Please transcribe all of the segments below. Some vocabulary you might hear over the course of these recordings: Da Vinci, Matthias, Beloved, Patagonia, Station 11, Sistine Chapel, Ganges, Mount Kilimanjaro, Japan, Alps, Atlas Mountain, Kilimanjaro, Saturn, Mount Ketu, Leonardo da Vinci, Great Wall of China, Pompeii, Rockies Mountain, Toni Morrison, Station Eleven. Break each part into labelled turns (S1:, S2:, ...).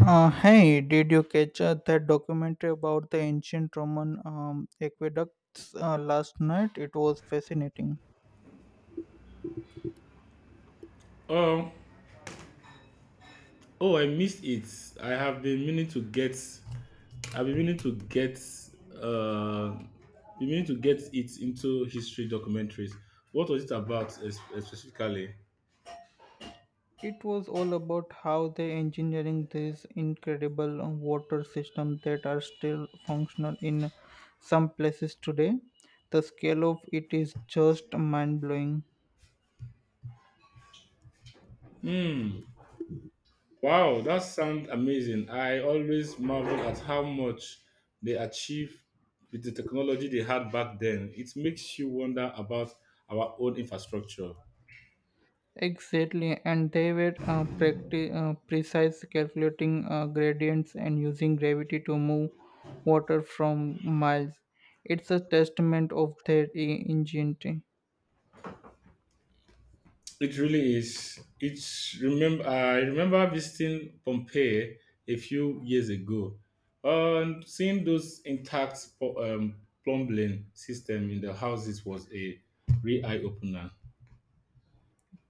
S1: Hey, did you catch that documentary about the ancient Roman aqueducts last night? It was fascinating.
S2: Um. Oh, I missed it. I have been meaning to get. I've been meaning to get. Uh, it into history documentaries. What was it about specifically?
S1: It was all about how they engineering these incredible water systems that are still functional in some places today. The scale of it is just mind blowing.
S2: Wow, that sounds amazing. I always marvel at how much they achieved with the technology they had back then. It makes you wonder about our own infrastructure.
S1: Exactly, and they were precise calculating gradients and using gravity to move water from miles. It's a testament of their ingenuity.
S2: It really is. It's remember I remember visiting Pompeii a few years ago, and seeing those intact plumbing system in the houses was a real eye opener.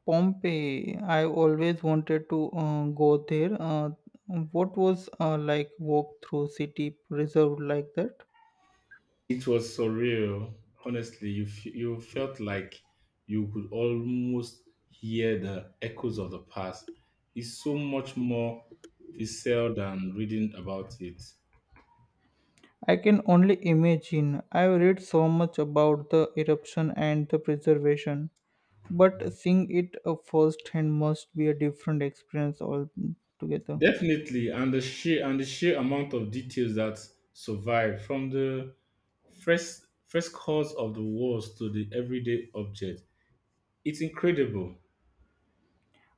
S1: Pompeii, I always wanted to go there. What was like walk through city preserved like that?
S2: It was surreal. Honestly, you felt like you could almost hear the echoes of the past. It's so much more visceral than reading about it.
S1: I can only imagine. I've read so much about the eruption and the preservation, but seeing it firsthand must be a different experience altogether.
S2: Definitely, and the sheer amount of details that survive from the first cause of the wars to the everyday object. It's incredible.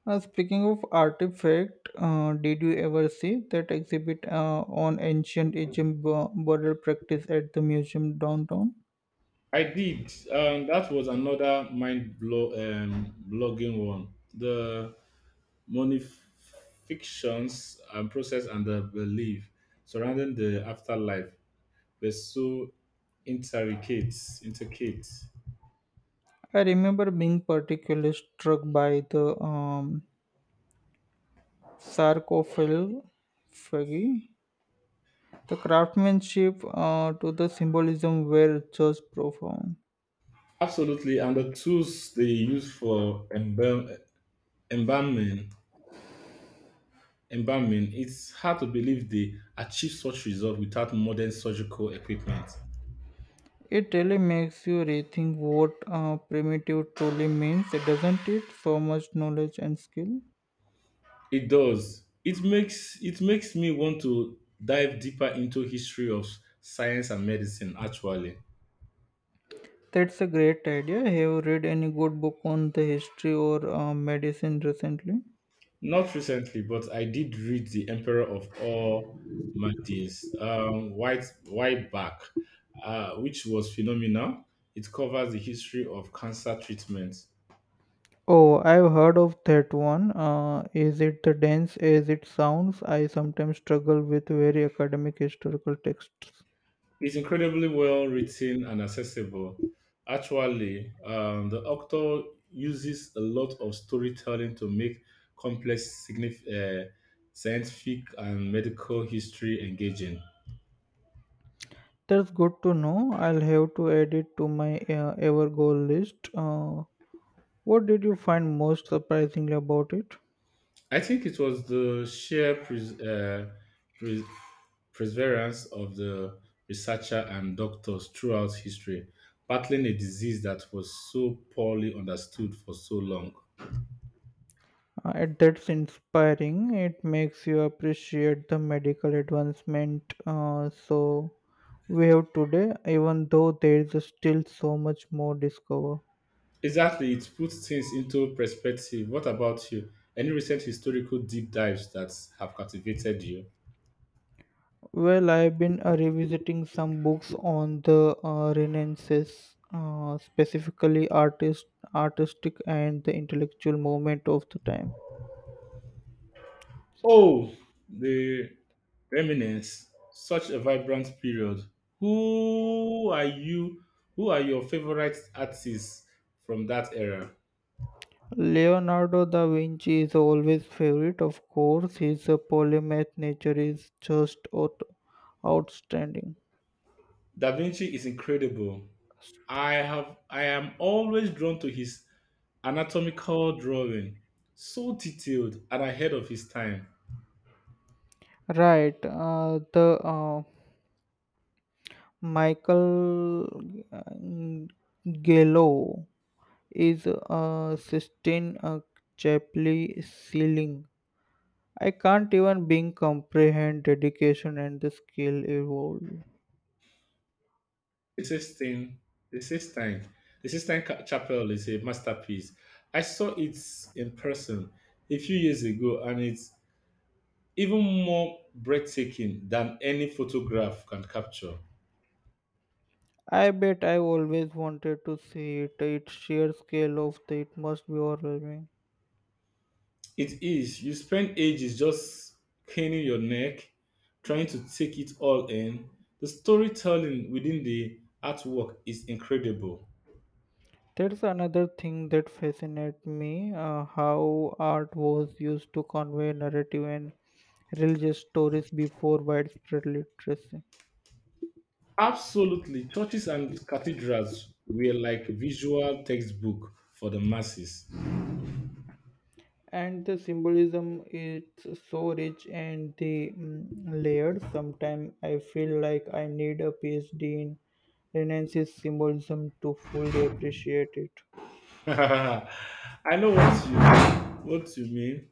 S1: Speaking of artifact, did you ever see that exhibit on ancient Egypt burial practice at the museum downtown?
S2: I did. That was another mind blow blogging one. The money fictions and process and the belief surrounding the afterlife were so intricate, intricate.
S1: I remember being particularly struck by the sarcophagi. The craftsmanship to the symbolism were just profound.
S2: Absolutely, and the tools they use for embalming embalming, it's hard to believe they achieved such results without modern surgical equipment.
S1: It really makes you rethink what primitive truly means, doesn't it? So much knowledge and skill.
S2: It makes me want to dive deeper into history of science and medicine actually.
S1: That's a great idea. Have you read any good book on the history or medicine recently?
S2: Not recently, but I did read The Emperor of All Matthias, white white back, which was phenomenal. It covers the history of cancer treatment.
S1: Oh, I've heard of that one. Is it the dense as it sounds? I sometimes struggle with very academic historical texts.
S2: It's incredibly well written and accessible. Actually, the author uses a lot of storytelling to make complex scientific and medical history engaging.
S1: That's good to know. I'll have to add it to my ever goal list. What did you find most surprisingly about it?
S2: I think it was the sheer pres- perseverance of the researcher and doctors throughout history, battling a disease that was so poorly understood for so long.
S1: And that's inspiring. It makes you appreciate the medical advancement so we have today, even though there is still so much more discover.
S2: Exactly, it puts things into perspective. What about you? Any recent historical deep dives that have captivated you?
S1: Well, I've been revisiting some books on the Renaissance, specifically artistic and the intellectual movement of the time.
S2: Oh, the Remnants, such a vibrant period. Who are you? Who are your favorite artists from that era?
S1: Leonardo da Vinci is always favorite, of course. His polymath nature is just outstanding.
S2: Da Vinci is incredible. I am always drawn to his anatomical drawing, so detailed and ahead of his time.
S1: Right. The Michael uh, Gallo is Sistine Chapel ceiling. I can't even being comprehend dedication and the skill evolved.
S2: The Sistine, the Sistine, the Sistine Chapel is a masterpiece. I saw it in person a few years ago, and it's even more breathtaking than any photograph can capture.
S1: I bet I always wanted to see it. Its sheer scale of the it must be overwhelming.
S2: It is. You spend ages just craning your neck, trying to take it all in. The storytelling within the artwork is incredible.
S1: There's another thing that fascinates me, how art was used to convey narrative and religious stories before widespread literacy.
S2: Absolutely, churches and cathedrals were like visual textbook for the masses.
S1: And the symbolism is so rich and layered. Sometimes I feel like I need a PhD in Renaissance symbolism to fully appreciate it.
S2: I know what you mean,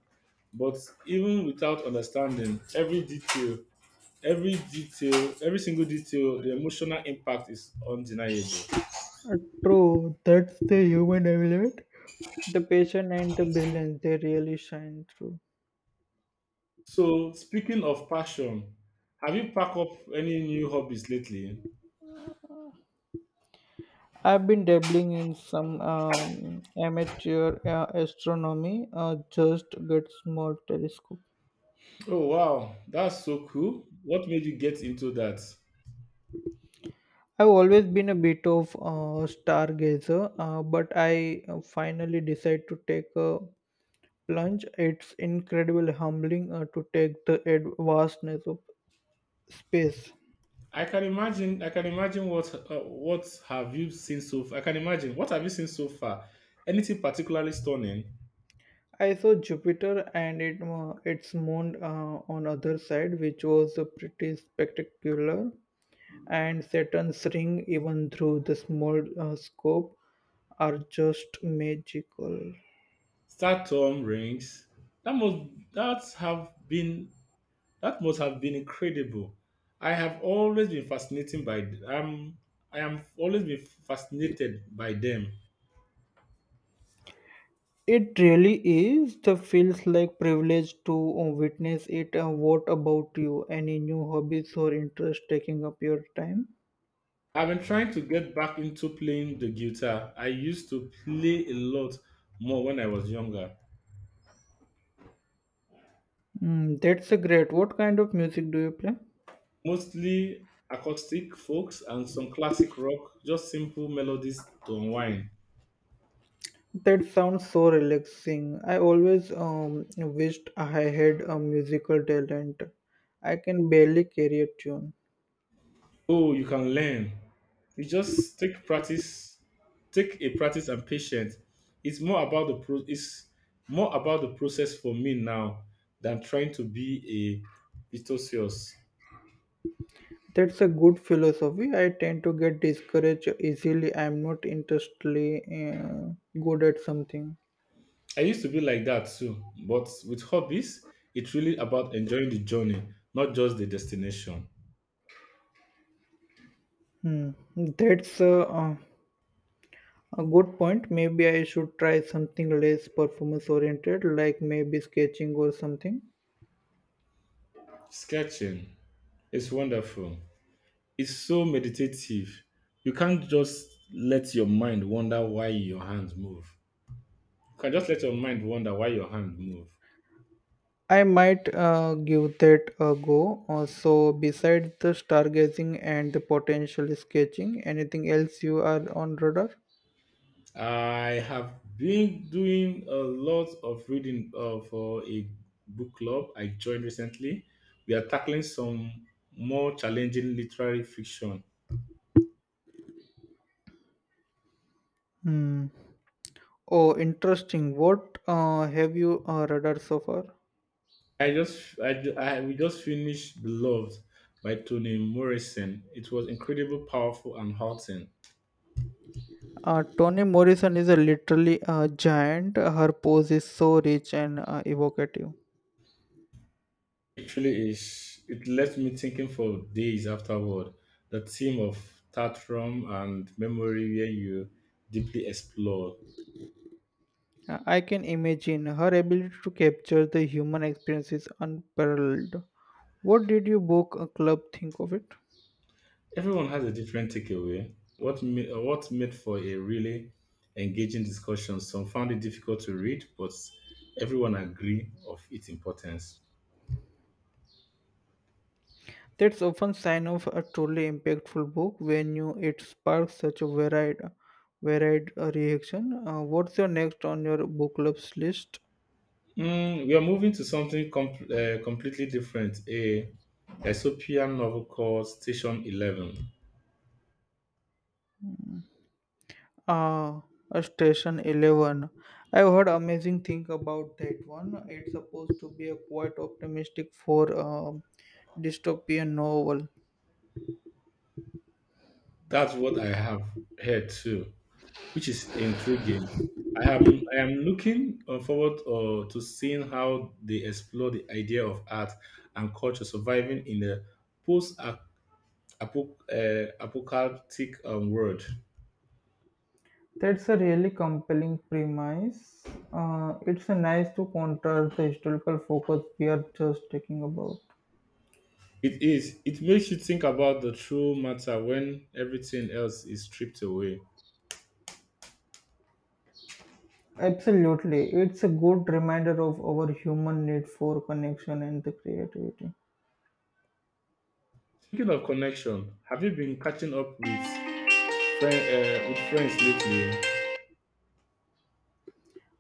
S2: but even without understanding every single detail, the emotional impact is undeniable.
S1: Uh, True, that's the human element. The passion and the brilliance they really shine through.
S2: So, speaking of passion, have you packed up any new hobbies lately?
S1: I've been dabbling in some amateur astronomy, just get small telescope.
S2: Oh wow, that's so cool. What made you get into that?
S1: I've always been a bit of a stargazer, but I finally decided to take a plunge. It's incredibly humbling to take the vastness of space.
S2: I can imagine. I can imagine what have you seen so. Far? I can imagine, what have you seen so far? Anything particularly stunning?
S1: I saw Jupiter and its moon on other side, which was pretty spectacular. And Saturn's ring, even through the small scope, are just magical.
S2: Saturn rings. That must that have been that must have been incredible. I have always been fascinated by um I am always been fascinated by them.
S1: It really is. The feels like privilege to witness it. What about you? Any new hobbies or interests taking up your time?
S2: I've been trying to get back into playing the guitar. I used to play a lot more when I was younger.
S1: Mm, that's a great. What kind of music do you play?
S2: Mostly acoustic folks and some classic rock, just simple melodies to unwind.
S1: That sounds so relaxing. I always wished I had a musical talent. I can barely carry a tune.
S2: Oh, you can learn. It just take practice, take a practice and patience. It's more about the process for me now than trying to be a virtuoso.
S1: That's a good philosophy. I tend to get discouraged easily. I'm not interestedly good at something.
S2: I used to be like that too, but with hobbies, it's really about enjoying the journey, not just the destination.
S1: Hmm. That's a good point. Maybe I should try something less performance oriented, like maybe sketching or something.
S2: Sketching is wonderful. It's so meditative. You can't just let your mind wonder why your hands move. You can just let your mind wonder why your hand move.
S1: I might give that a go. So, besides the stargazing and the potential sketching, anything else you are on radar?
S2: I have been doing a lot of reading, for a book club I joined recently. We are tackling some more challenging literary fiction.
S1: Hmm. Oh, interesting. What have you radar so far?
S2: I just, I, ju- I we just finished Beloved by Toni Morrison. It was incredible, powerful, and haunting.
S1: Toni Morrison is a literally a giant. Her pose is so rich and evocative.
S2: It really is. It left me thinking for days afterward. The theme of Tatrum and memory, where you deeply explore.
S1: I can imagine her ability to capture the human experience is unparalleled. What did your book club think of it?
S2: Everyone has a different takeaway. What made for a really engaging discussion? Some found it difficult to read, but everyone agree of its importance.
S1: That's often sign of a truly impactful book when you it sparks such a varied reaction. What's your next on your book club's list?
S2: Mm, we are moving to something completely different. A dystopian novel called Station Eleven.
S1: Hmm. Ah, Station 11. I've heard amazing thing about that one. It's supposed to be a quite optimistic for a dystopian novel.
S2: That's what I have heard too, which is intriguing. I am looking forward to seeing how they explore the idea of art and culture surviving in a post apocalyptic world.
S1: That's a really compelling premise. It's a nice to contrast the historical focus we are just talking about.
S2: It is. It makes you think about the true matter when everything else is stripped away.
S1: Absolutely, it's a good reminder of our human need for connection and the creativity.
S2: Speaking of connection, have you been catching up with friends lately?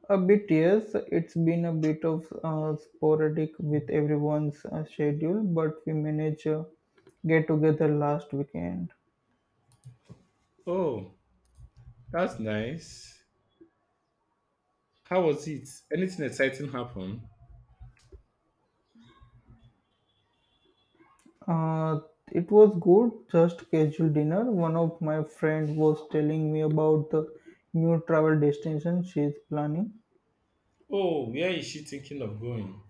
S1: A bit, yes. It's been a bit of sporadic with everyone's schedule, but we managed get together last weekend.
S2: Oh, that's nice. How was it? Anything exciting happen?
S1: Uh, it was good, just casual dinner. One of my friends was telling me about the new travel destination she's planning.
S2: Oh, where is she thinking of going?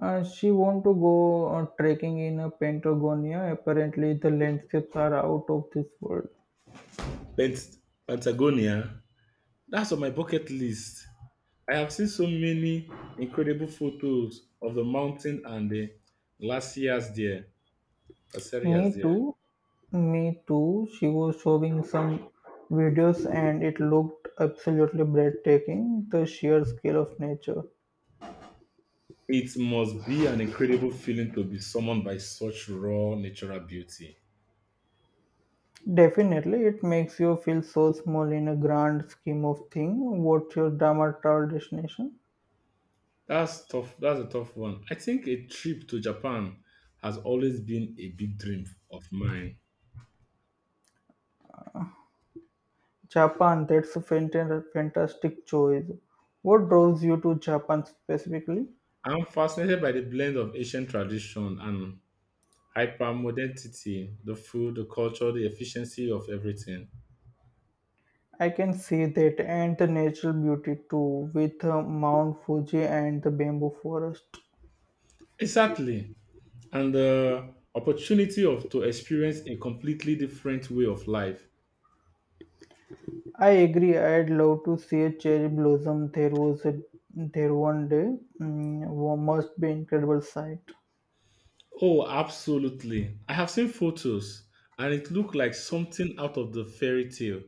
S1: She want to go trekking in Patagonia. Apparently, the landscapes are out of this world.
S2: Pent- Patagonia. That's on my bucket list. I have seen so many incredible photos of the mountain and the glaciers there, glaciers
S1: Me
S2: there.
S1: too. Me too. She was showing some videos and it looked absolutely breathtaking, the sheer scale of nature.
S2: It must be an incredible feeling to be summoned by such raw natural beauty.
S1: Definitely, it makes you feel so small in a grand scheme of things. What's your drama travel destination?
S2: That's a tough one. I think a trip to Japan has always been a big dream of mine.
S1: Japan, that's a fantastic choice. What draws you to Japan specifically?
S2: I'm fascinated by the blend of ancient tradition and hyper modernity, the food, the culture, the efficiency of everything.
S1: I can see that and the natural beauty too, with Mount Fuji and the bamboo forest.
S2: Exactly. And the opportunity of to experience a completely different way of life.
S1: I agree. I'd love to see a cherry blossom There was a, there one day. Must be incredible sight.
S2: Oh, absolutely. I have seen photos and it looked like something out of the fairy tale.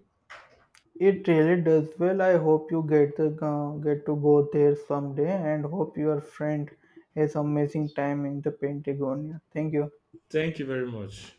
S1: It really does well. I hope you get the get to go there someday, and hope your friend has amazing time in the Patagonia. Thank you.
S2: Thank you very much.